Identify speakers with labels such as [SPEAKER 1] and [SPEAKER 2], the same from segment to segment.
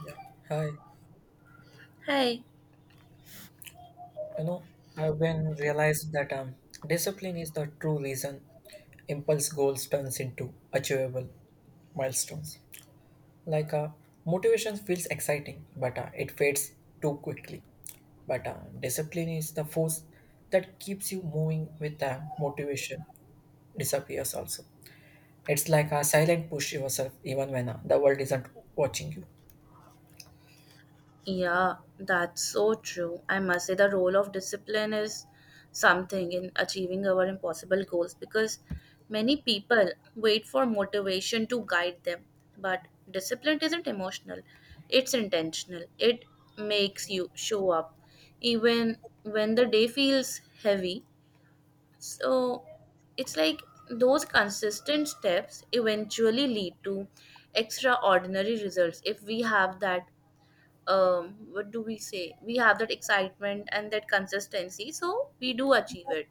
[SPEAKER 1] Yeah. Hi.
[SPEAKER 2] Hey,
[SPEAKER 1] You know, I've been realized that discipline is the true reason impulse goals turns into achievable milestones. Like uh, motivation feels exciting, but it fades too quickly. But discipline is the force that keeps you moving with motivation disappears also. It's like a silent push yourself even when the world isn't watching you.
[SPEAKER 2] yeah, that's so true. I must say the role of discipline is something in achieving our impossible goals because many people wait for motivation to guide them, but discipline isn't emotional, it's intentional. It makes you show up even when the day feels heavy. So it's like those consistent steps eventually lead to extraordinary results if we have that what do we say, we have that excitement and that consistency, so we do achieve it.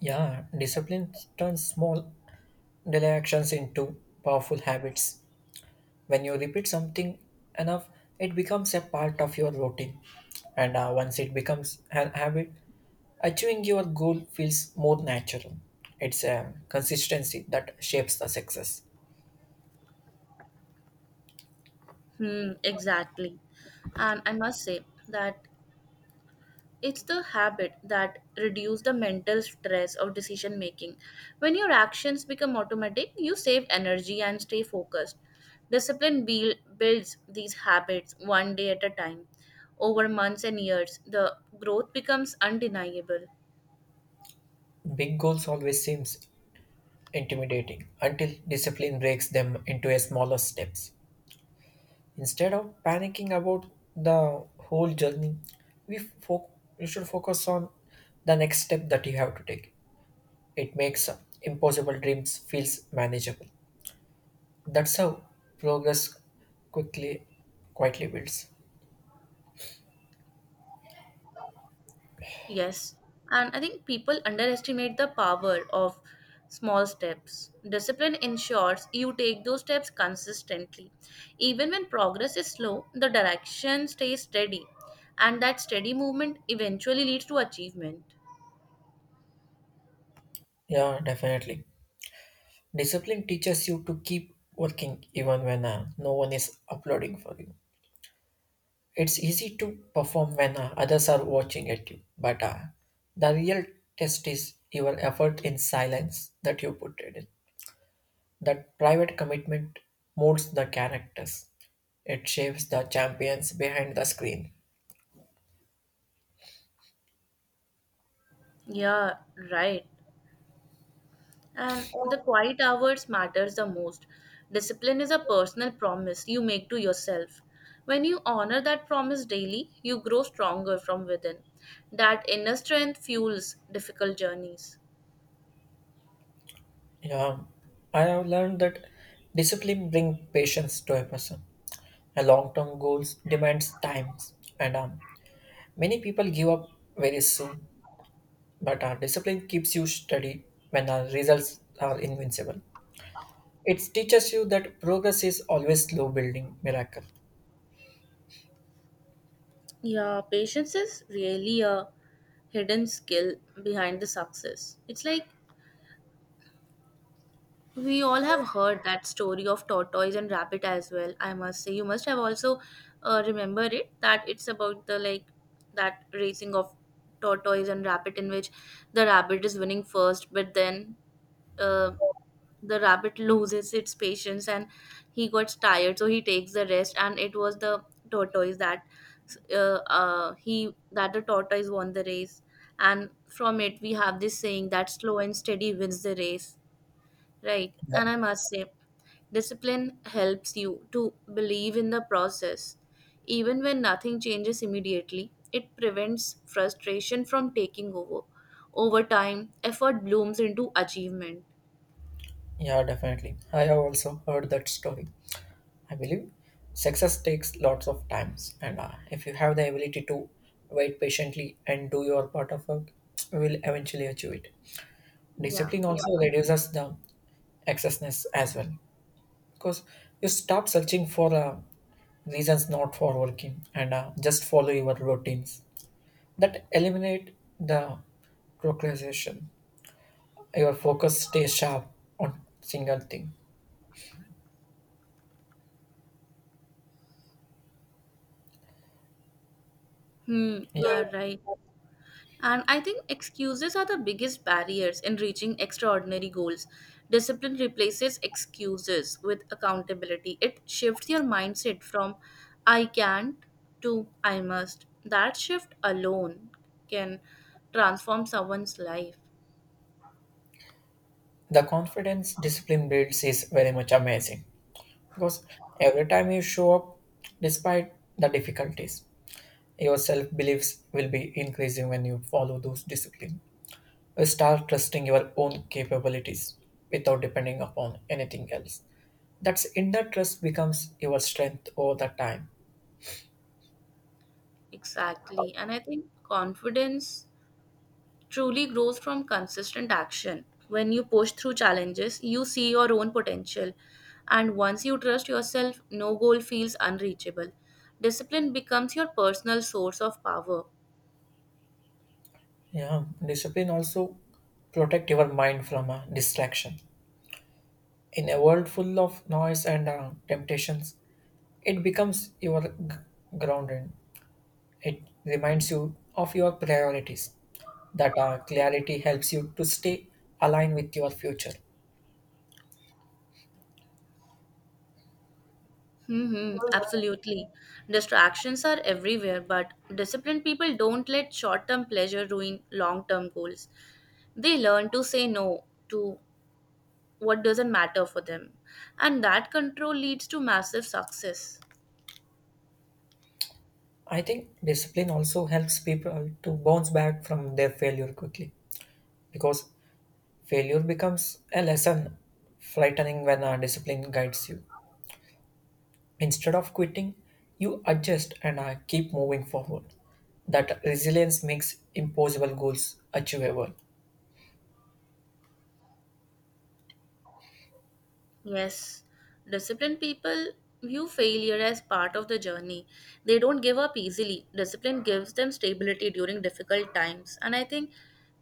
[SPEAKER 1] Yeah, discipline turns small daily actions into powerful habits. When you repeat something enough, it becomes a part of your routine. And once it becomes an habit, achieving your goal feels more natural. It's a consistency that shapes the success.
[SPEAKER 2] Hmm, exactly. And I must say that it's the habit that reduce the mental stress of decision making. When your actions become automatic, you save energy and stay focused. Discipline builds these habits one day at a time. Over months and years, the growth becomes undeniable.
[SPEAKER 1] Big goals always seems intimidating until discipline breaks them into a smaller steps. Instead of panicking about the whole journey, we fo- you should focus on the next step that you have to take. It makes impossible dreams feels manageable. That's how progress quickly, quietly builds.
[SPEAKER 2] Yes, and I think people underestimate the power of small steps. Discipline ensures you take those steps consistently. Even when progress is slow, the direction stays steady, and that steady movement eventually leads to achievement.
[SPEAKER 1] Yeah, definitely. Discipline teaches you to keep working even when no one is applauding for you. It's easy to perform when others are watching at you, but the real test is your effort in silence that you put it in. That private commitment molds the characters. It shapes the champions behind the screen.
[SPEAKER 2] Yeah, right. And the quiet hours matters the most. Discipline is a personal promise you make to yourself. When you honor that promise daily, you grow stronger from within. That inner strength fuels difficult journeys.
[SPEAKER 1] Yeah, I have learned that discipline brings patience to a person. A long-term goals demands time, and many people give up very soon. But discipline keeps you steady when the results are invincible. It teaches you that progress is always slow building miracle.
[SPEAKER 2] Yeah, patience is really a hidden skill behind the success. It's like we all have heard that story of tortoise and rabbit as well. I must say, you must have also remember it, that it's about the, like, that racing of tortoise and rabbit in which the rabbit is winning first, but then uh, the rabbit loses its patience and he gets tired, so he takes the rest. And it was the tortoise that he that the tortoise won the race, and from it we have this saying that slow and steady wins the race, right?
[SPEAKER 1] Yeah,
[SPEAKER 2] And I must say discipline helps you to believe in the process. Even when nothing changes immediately, it prevents frustration from taking over. Over time, effort blooms into achievement.
[SPEAKER 1] yeah, definitely. I have also heard that story. I believe success takes lots of times, and if you have the ability to wait patiently and do your part of work, you will eventually achieve it.
[SPEAKER 2] Yeah.
[SPEAKER 1] Discipline, yeah, also, yeah, reduces the excessiveness as well because you stop searching for reasons not for working and just follow your routines that eliminate the procrastination. Your focus stays sharp on single thing.
[SPEAKER 2] Hmm,
[SPEAKER 1] Yeah,
[SPEAKER 2] yeah, right. And I think excuses are the biggest barriers in reaching extraordinary goals. Discipline replaces excuses with accountability. It shifts your mindset from I can't to I must. That shift alone can transform someone's life.
[SPEAKER 1] the confidence discipline builds is very much amazing. Because every time you show up, despite the difficulties, your self beliefs will be increasing when you follow those disciplines. You start trusting your own capabilities without depending upon anything else. That's inner trust becomes your strength over the time.
[SPEAKER 2] Exactly. And I think confidence truly grows from consistent action. When you push through challenges, you see your own potential. And once you trust yourself, no goal feels unreachable. Discipline becomes your personal source of power.
[SPEAKER 1] Yeah, discipline also protect your mind from a distraction. In a world full of noise and temptations, it becomes your grounding. It reminds you of your priorities. That clarity helps you to stay aligned with your future.
[SPEAKER 2] Hmm, absolutely. Distractions are everywhere, but disciplined people don't let short term pleasure ruin long term goals. They learn to say no to what doesn't matter for them, and that control leads to massive success.
[SPEAKER 1] I think discipline also helps people to bounce back from their failure quickly because failure becomes a lesson frightening when discipline guides you. Instead of quitting, you adjust and keep moving forward. That resilience makes impossible goals achievable.
[SPEAKER 2] Yes, disciplined people view failure as part of the journey. They don't give up easily. Discipline gives them stability during difficult times, and I think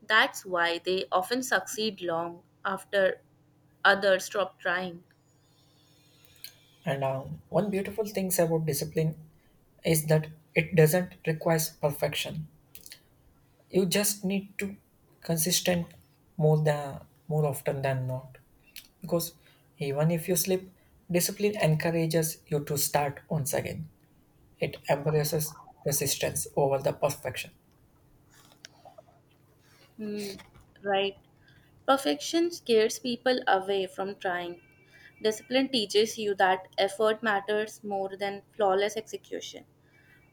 [SPEAKER 2] that's why they often succeed long after others stop trying.
[SPEAKER 1] And one beautiful thing about discipline is that it doesn't require perfection. You just need to consistent more than more often than not. Because even if you slip, discipline encourages you to start once again. It embraces persistence over the perfection.
[SPEAKER 2] Hmm, right. Perfection scares people away from trying. Discipline teaches you that effort matters more than flawless execution.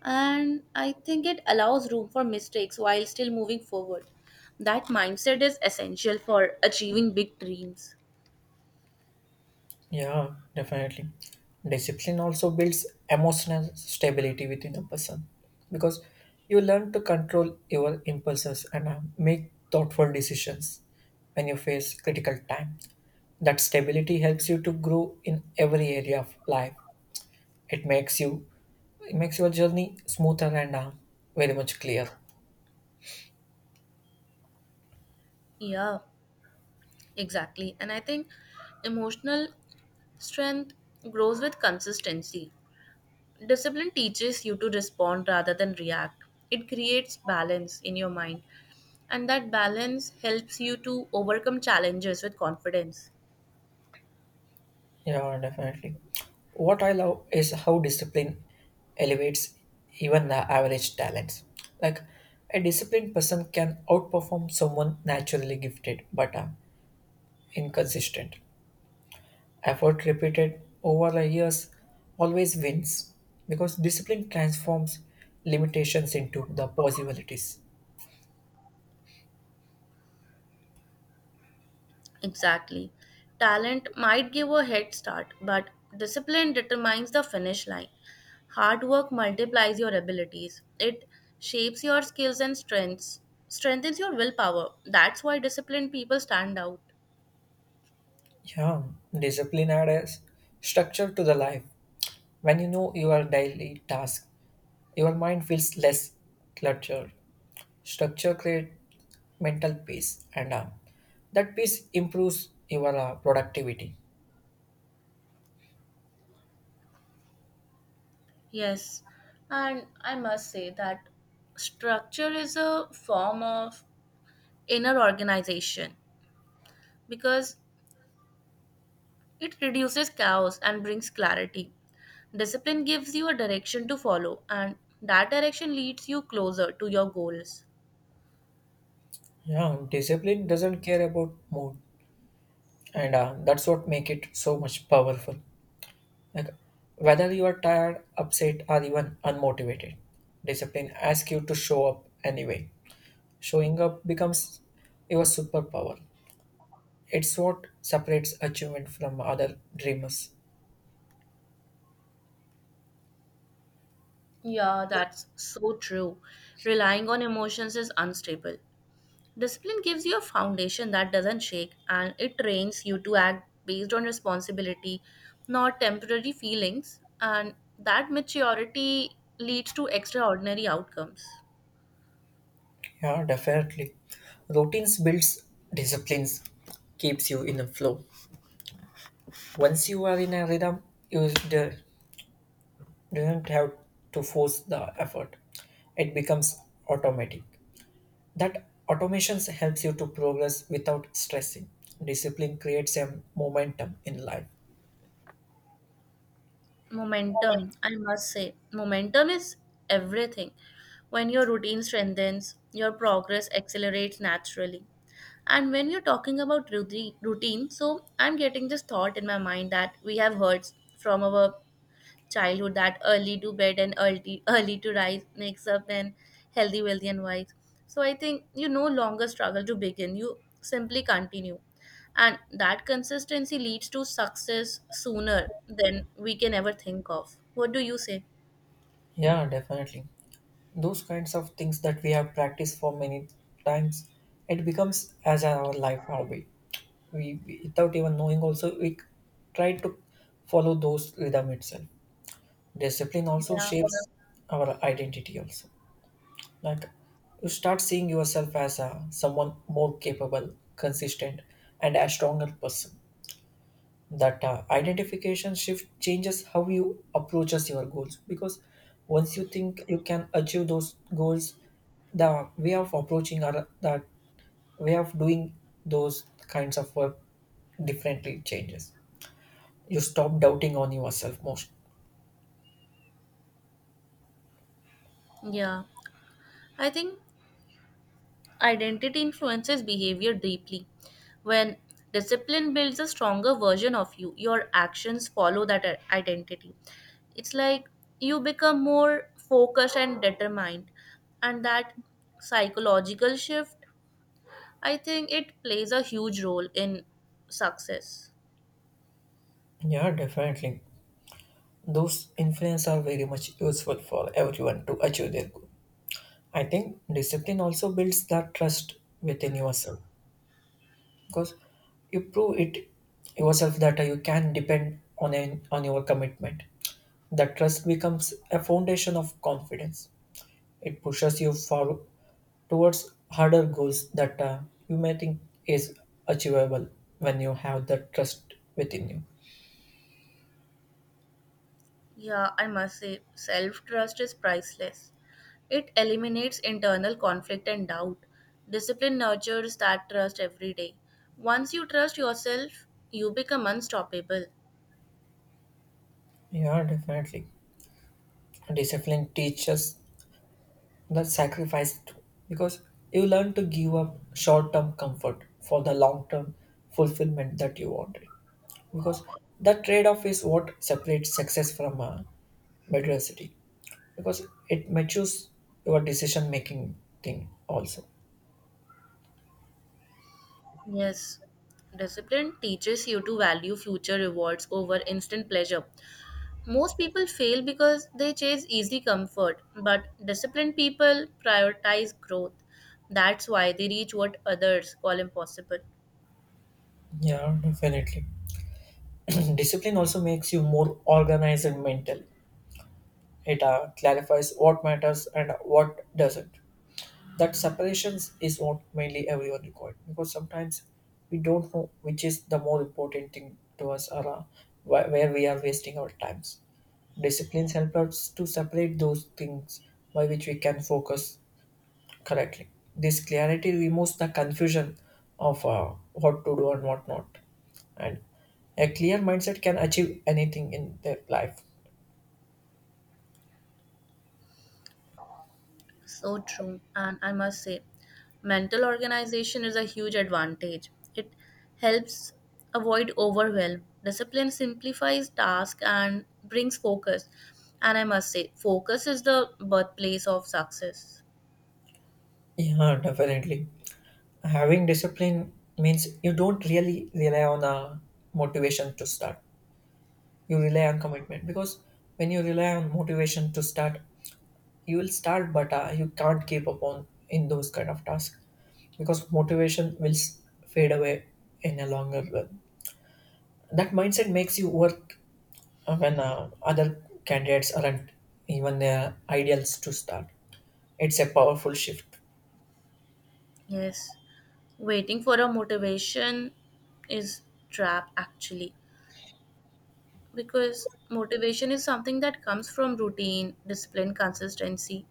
[SPEAKER 2] And I think it allows room for mistakes while still moving forward. That mindset is essential for achieving big dreams.
[SPEAKER 1] Yeah, definitely. Discipline also builds emotional stability within a person because you learn to control your impulses and make thoughtful decisions when you face critical time. That stability helps you to grow in every area of life. It makes you it makes your journey smoother and very much clear.
[SPEAKER 2] Yeah, exactly. And I think emotional strength grows with consistency. Discipline teaches you to respond rather than react, it creates balance in your mind, and that balance helps you to overcome challenges with confidence.
[SPEAKER 1] Yeah, definitely. What I love is how discipline elevates even the average talents. Like, a disciplined person can outperform someone naturally gifted but inconsistent. Effort repeated over the years always wins because discipline transforms limitations into the possibilities.
[SPEAKER 2] Exactly. Talent might give a head start, but discipline determines the finish line. Hard work multiplies your abilities. It shapes your skills and strengths, strengthens your willpower. That's why disciplined people stand out.
[SPEAKER 1] Yeah, discipline adds structure to the life. When you know your daily task, your mind feels less cluttered. Structure creates mental peace, and that peace improves your productivity.
[SPEAKER 2] Yes, and I must say that structure is a form of inner organization because it reduces chaos and brings clarity. Discipline gives you a direction to follow, and that direction leads you closer to your goals.
[SPEAKER 1] Yeah, discipline doesn't care about mood, and that's what make it so much powerful. Like, whether you are tired, upset, or even unmotivated, discipline asks you to show up anyway. Showing up becomes your superpower. It's what separates achievement from other dreamers.
[SPEAKER 2] Yeah, that's so true. Relying on emotions is unstable. Discipline gives you a foundation that doesn't shake, and it trains you to act based on responsibility, not temporary feelings, and that maturity leads to extraordinary outcomes.
[SPEAKER 1] Yeah, definitely. Routines builds disciplines, keeps you in a flow. Once you are in a rhythm, you d- don't have to force the effort. It becomes automatic. That automation helps you to progress without stressing. Discipline creates a momentum in life.
[SPEAKER 2] Momentum, I must say, momentum is everything. When your routine strengthens, your progress accelerates naturally. And when you're talking about routine, so I'm getting this thought in my mind that we have heard from our childhood that early to bed and early to rise makes up and healthy wealthy and wise, so I think you no longer struggle to begin, you simply continue, and that consistency leads to success sooner than we can ever think of. What do you say?
[SPEAKER 1] Yeah, definitely. Those kinds of things that we have practiced for many times, it becomes as our life hobby. We without even knowing also we try to follow those rhythm itself. Discipline also
[SPEAKER 2] Yeah.
[SPEAKER 1] shapes our identity also. Like, you start seeing yourself as a someone more capable, consistent, and a stronger person. That identification shift changes how you approaches your goals, because once you think you can achieve those goals, the way of approaching or the way of doing those kinds of work differently changes. You stop doubting on yourself most.
[SPEAKER 2] yeah I think identity influences behavior deeply. When discipline builds a stronger version of you, your actions follow that identity. It's like you become more focused and determined, and that psychological shift, I think it plays a huge role in success.
[SPEAKER 1] Yeah, definitely. Those influence are very much useful for everyone to achieve their goal. I think discipline also builds that trust within yourself, because you prove it yourself that you can depend on on your commitment. That trust becomes a foundation of confidence. It pushes you forward towards harder goals that you may think is achievable when you have the trust within you.
[SPEAKER 2] Yeah, I must say self trust is priceless. It eliminates internal conflict and doubt. Discipline nurtures that trust every day. Once you trust yourself, you become unstoppable.
[SPEAKER 1] Yeah, definitely. Discipline teaches the sacrifice too, because you learn to give up short-term comfort for the long-term fulfillment that you wanted, because that trade-off is what separates success from mediocrity, because it matures your decision making thing also.
[SPEAKER 2] Yes, discipline teaches you to value future rewards over instant pleasure. Most people fail because they chase easy comfort, but disciplined people prioritize growth. That's why they reach what others call impossible.
[SPEAKER 1] Yeah, definitely. Discipline also makes you more organized mentally. It clarifies what matters and what doesn't. That separations is what mainly everyone required, because sometimes we don't know which is the more important thing to us or where we are wasting our times. Disciplines help us to separate those things by which we can focus correctly. This clarity removes the confusion of what to do and what not. And a clear mindset can achieve anything in their life.
[SPEAKER 2] So true, and I must say, mental organization is a huge advantage. It helps avoid overwhelm. Discipline simplifies tasks and brings focus. And I must say, focus is the birthplace of success.
[SPEAKER 1] Yeah, definitely. Having discipline means you don't really rely on a motivation to start. You rely on commitment, because when you rely on motivation to start, you will start but you can't keep up on in those kind of tasks, because fade away in a longer run. That mindset makes you work when other candidates aren't even their ideals to start. It's a powerful shift.
[SPEAKER 2] Yes, waiting for a motivation is trap actually, because motivation is something that comes from routine, discipline, consistency,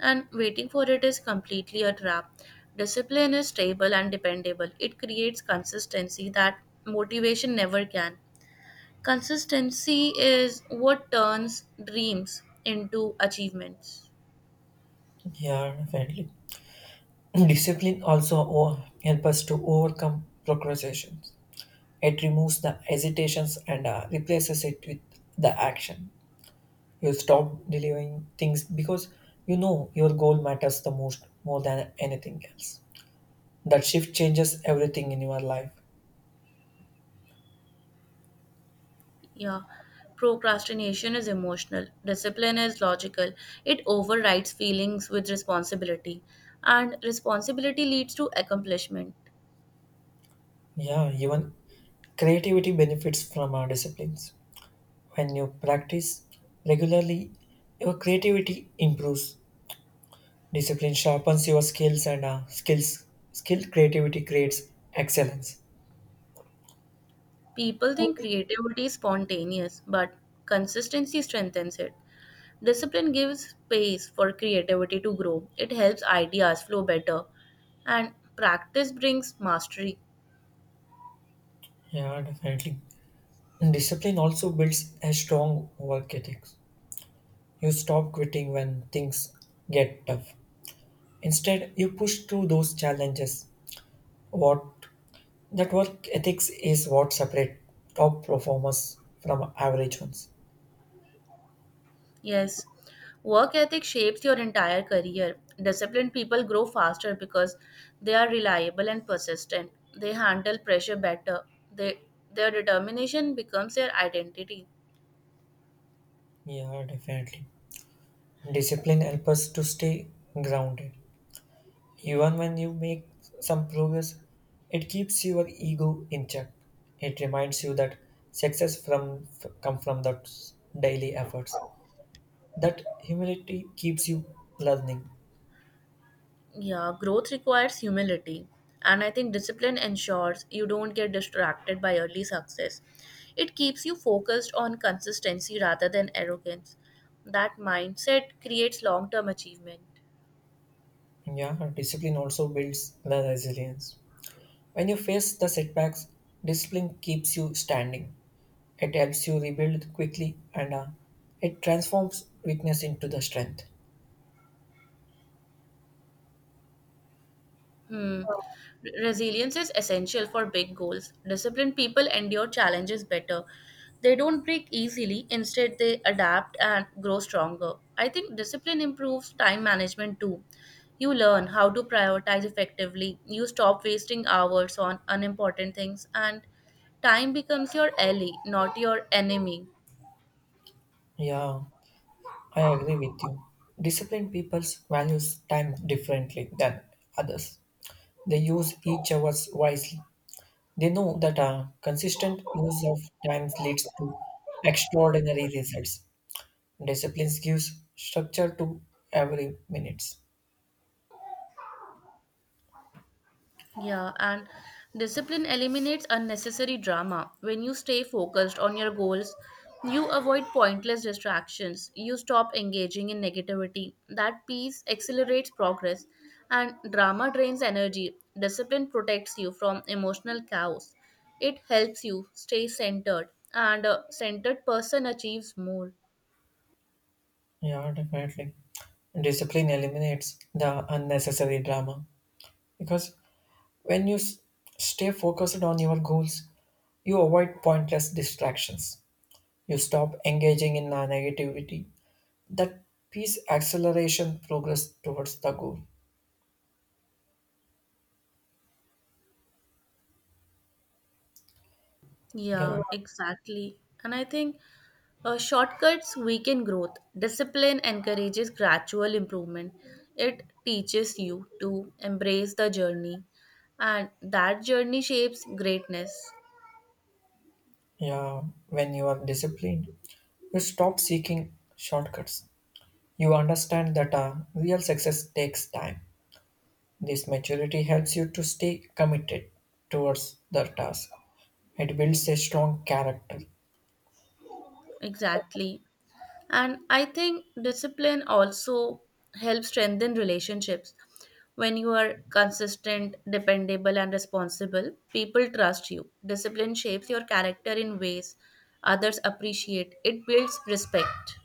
[SPEAKER 2] and waiting for it is completely a trap. Discipline is stable and dependable. It creates consistency that motivation never can. Consistency is what turns dreams into achievements.
[SPEAKER 1] Yeah, definitely. Discipline also help us to overcome procrastinations. It removes the hesitations and replaces it with the action. You stop delaying things because you know your goal matters the most more than anything else. That shift changes everything in your life.
[SPEAKER 2] Yeah, procrastination is emotional, discipline is logical. It overrides feelings with responsibility, and responsibility leads to accomplishment.
[SPEAKER 1] Yeah, even creativity benefits from our disciplines. When you practice regularly, your creativity improves. Discipline sharpens your skills, and skill creativity creates excellence.
[SPEAKER 2] People think creativity is spontaneous, but consistency strengthens it. Discipline gives space for creativity to grow, it helps ideas flow better, and practice brings mastery.
[SPEAKER 1] Yeah, definitely. And discipline also builds a strong work ethic. You stop quitting when things get tough. Instead, you push through those challenges. What That work ethics is what separate top performers from average ones.
[SPEAKER 2] Yes, work ethic shapes your entire career. Disciplined people grow faster because they are reliable and persistent. They handle pressure better. They, their determination becomes their identity.
[SPEAKER 1] Yeah, definitely. Discipline helps us to stay grounded. Even when you make some progress, it keeps your ego in check. It reminds you that come from that daily efforts. That humility keeps you learning.
[SPEAKER 2] Yeah, growth requires humility. And I think discipline ensures you don't get distracted by early success. It keeps you focused on consistency rather than arrogance. That mindset creates long term achievement.
[SPEAKER 1] Yeah, and discipline also builds the resilience. When you face the setbacks, discipline keeps you standing. It helps you rebuild quickly and it transforms weakness into the strength.
[SPEAKER 2] Hmm. Resilience is essential for big goals. Disciplined people endure challenges better. They don't break easily, instead, they adapt and grow stronger. I think discipline improves time management too. You learn how to prioritize effectively, you stop wasting hours on unimportant things, and time becomes your ally, not your enemy.
[SPEAKER 1] Yeah, I agree with you. Disciplined people values time differently than others. They use each hours wisely. They know that a consistent use of time leads to extraordinary results. Discipline gives structure to every minutes.
[SPEAKER 2] Yeah, and discipline eliminates unnecessary drama. When you stay focused on your goals, you avoid pointless distractions. You stop engaging in negativity. That peace accelerates progress, and drama drains energy. Discipline protects you from emotional chaos. It helps you stay centered, and a centered person achieves more.
[SPEAKER 1] Yeah, definitely. Discipline eliminates the unnecessary drama because when stay focused on your goals, you avoid pointless distractions. You stop engaging in negativity. That piece acceleration progress towards the goal. yeah
[SPEAKER 2] Yeah, exactly. And I think shortcuts weaken growth. Discipline encourages gradual improvement. It teaches you to embrace the journey, and that journey shapes greatness.
[SPEAKER 1] yeah, when you are disciplined, you stop seeking shortcuts. You understand that real success takes time. This maturity helps you to stay committed towards the task. It builds a strong character.
[SPEAKER 2] Exactly. And I think discipline also helps strengthen relationships. When you are consistent, dependable, and responsible, people trust you. Discipline shapes your character in ways others appreciate, it builds respect.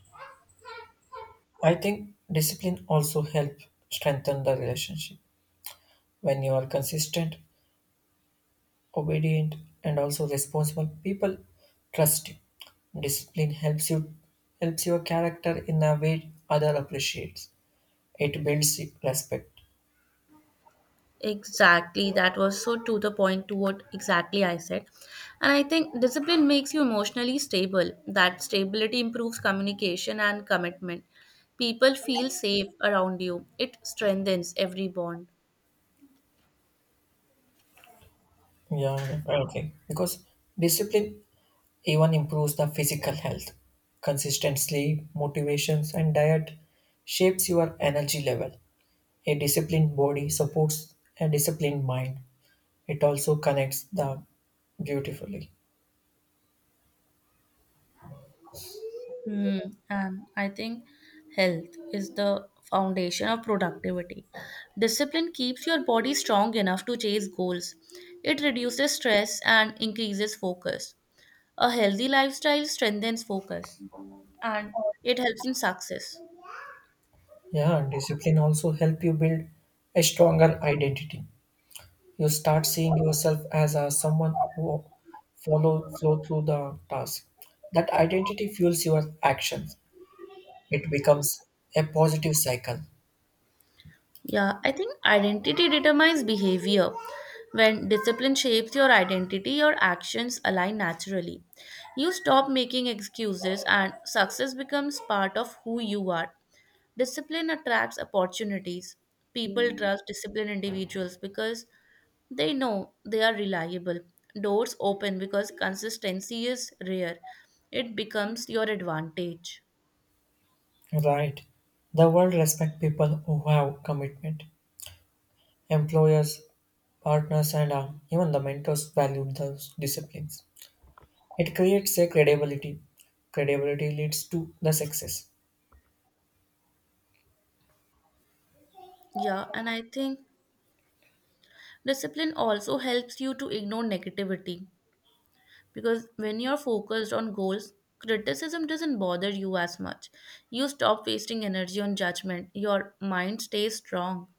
[SPEAKER 1] I think discipline also helps strengthen the relationship. When you are consistent, obedient, and also responsible, people trust you. Discipline helps your character in a way other appreciates. It builds respect.
[SPEAKER 2] Exactly, that was so to the point to what exactly I said. And I think discipline makes you emotionally stable. That stability improves communication and commitment. People feel safe around you, it strengthens every bond.
[SPEAKER 1] Yeah, definitely. Because discipline even improves the physical health. Consistent sleep, motivations, and diet shapes your energy level. A disciplined body supports a disciplined mind. It also connects the beautifully.
[SPEAKER 2] Hmm, and I think health is the foundation of productivity. Discipline keeps your body strong enough to chase goals. It reduces stress and increases focus. A healthy lifestyle strengthens focus, and it helps in success.
[SPEAKER 1] Yeah, and discipline also help you build a stronger identity. You start seeing yourself as a someone who follow flow through the task. That identity fuels your actions. It becomes a positive cycle.
[SPEAKER 2] Yeah, I think identity determines behavior. When discipline shapes your identity, your actions align naturally. You stop making excuses and success becomes part of who you are. Discipline attracts opportunities. People trust disciplined individuals because they know they are reliable. Doors open because consistency is rare. It becomes your advantage.
[SPEAKER 1] Right. The world respect people who have commitment. Employers, partners, and even the mentors value those disciplines. It creates a credibility. Credibility leads to the success.
[SPEAKER 2] Yeah, and I think discipline also helps you to ignore negativity because when you're focused on goals, criticism doesn't bother you as much. You stop wasting energy on judgment. Your mind stays strong.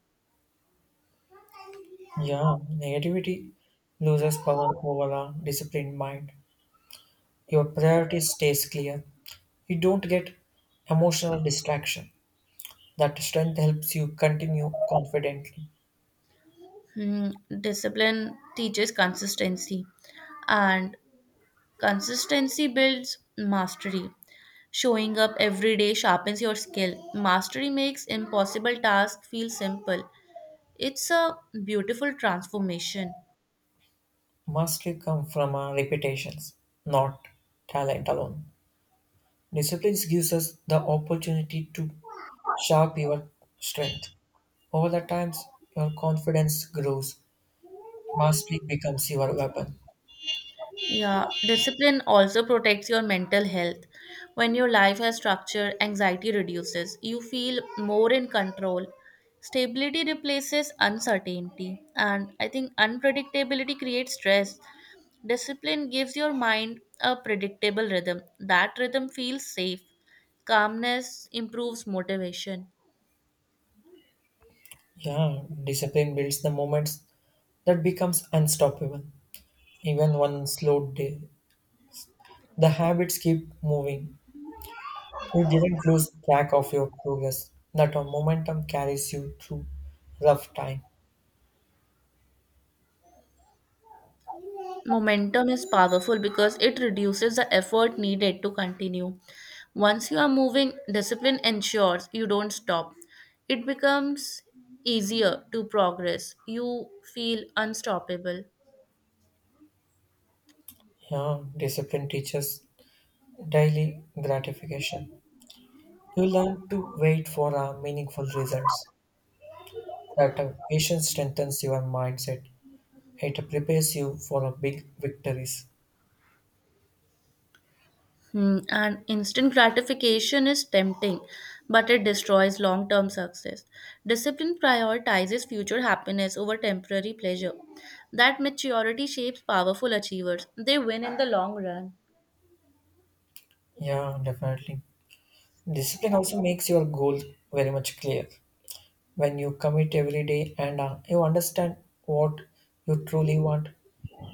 [SPEAKER 1] Yeah, negativity loses power over a disciplined mind. Your priorities stays clear. You don't get emotional distraction. That strength helps you continue confidently.
[SPEAKER 2] Hmm, discipline teaches consistency, and consistency builds mastery. Showing up every day sharpens your skill. Mastery makes impossible tasks feel simple. It's a beautiful transformation.
[SPEAKER 1] Mastery comes from our repetitions, not talent alone. Discipline gives us the opportunity to sharp your strength. Over the times, your confidence grows. Mastery becomes your weapon.
[SPEAKER 2] Yeah, discipline also protects your mental health. When your life has structure, anxiety reduces. You feel more in control. Stability replaces uncertainty. And I think unpredictability creates stress. Discipline gives your mind a predictable rhythm. That rhythm feels safe. Calmness improves motivation.
[SPEAKER 1] Yeah, discipline builds the moments that becomes unstoppable. Even one slow day, the habits keep moving. You didn't lose track of your progress. That a momentum carries you through rough time.
[SPEAKER 2] Momentum is powerful because it reduces the effort needed to continue. Once you are moving, discipline ensures you don't stop. It becomes easier to progress. You feel unstoppable.
[SPEAKER 1] Yeah, discipline teaches daily gratification. You learn to wait for meaningful results. That patience strengthens your mindset. It prepares you for big victories.
[SPEAKER 2] Hmm, and instant gratification is tempting, but it destroys long term success. Discipline prioritizes future happiness over temporary pleasure. That maturity shapes powerful achievers. They win in the long run.
[SPEAKER 1] Yeah, definitely. Discipline also makes your goal very much clear. When you commit every day and you understand what you truly want,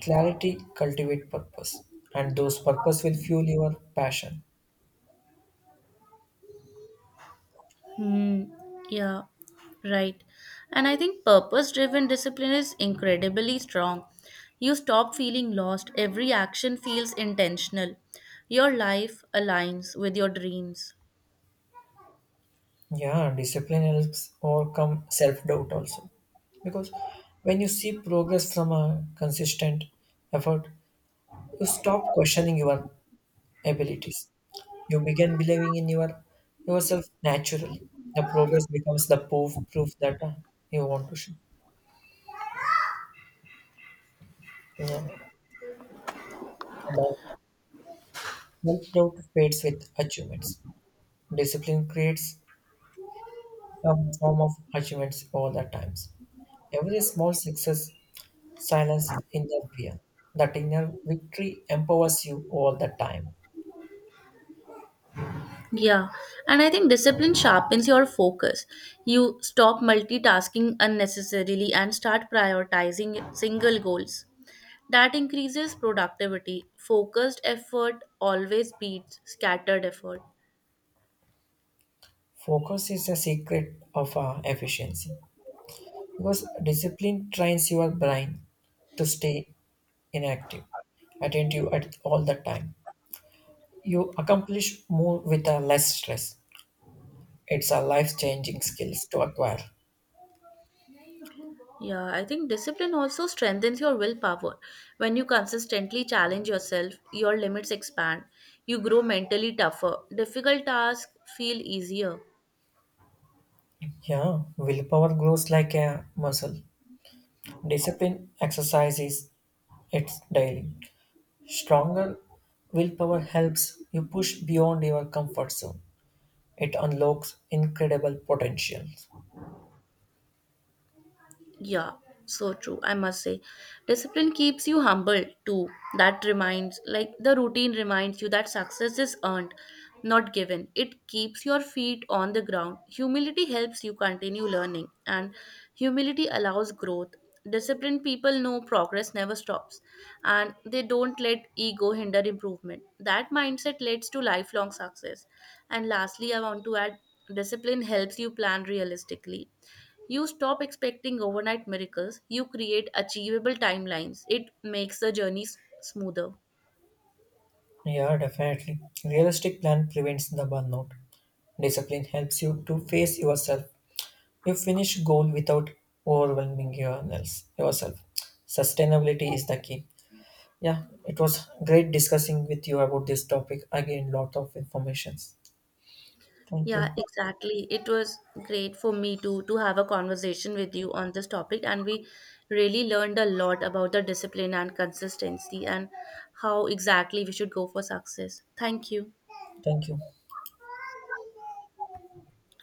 [SPEAKER 1] clarity cultivate purpose, and those purpose will fuel your passion.
[SPEAKER 2] Hmm, yeah, right. And I think purpose driven discipline is incredibly strong. You stop feeling lost, every action feels intentional. Your life aligns with your dreams.
[SPEAKER 1] Yeah, discipline helps overcome self doubt also, because when you see progress from a consistent effort, you stop questioning your abilities. You begin believing in yourself naturally. The progress becomes the proof that you want to show. Yeah. And, uh, Self-doubt fades with achievements. Discipline creates some form of achievements all the times. Every small success silences inner fear. That inner victory empowers you all the time.
[SPEAKER 2] Yeah, and I think discipline sharpens your focus. You stop multitasking unnecessarily and start prioritizing single goals. That increases productivity. Focused effort always beats scattered effort.
[SPEAKER 1] Focus is the secret of efficiency, because discipline trains your brain to stay inactive, attentive at all the time. You accomplish more with a less stress. It's a life-changing skills to acquire.
[SPEAKER 2] Yeah, I think discipline also strengthens your willpower. When you consistently challenge yourself, your limits expand. You grow mentally tougher. Difficult tasks feel easier.
[SPEAKER 1] Yeah, willpower grows like a muscle. Discipline exercises its daily. Stronger willpower helps you push beyond your comfort zone. It unlocks incredible potentials.
[SPEAKER 2] Yeah, so true. I must say, discipline keeps you humble too. That reminds, like, the routine reminds you that success is earned, not given. It keeps your feet on the ground. Humility helps you continue learning, and humility allows growth. Disciplined people know progress never stops, and they don't let ego hinder improvement. That mindset leads to lifelong success. And lastly, I want to add discipline helps you plan realistically. You stop expecting overnight miracles, you create achievable timelines. It makes the journey smoother.
[SPEAKER 1] Yeah, definitely. Realistic plan prevents the burnout. Discipline helps you to face yourself. You finish goal without yourself. Sustainability is the key. Yeah, it was great discussing with you about this topic. Again, lot of information. Thank
[SPEAKER 2] Yeah,
[SPEAKER 1] you.
[SPEAKER 2] exactly. It was great for me to have a conversation with you on this topic, and we really learned a lot about the discipline and consistency and how exactly we should go for success. Thank you.
[SPEAKER 1] Thank you.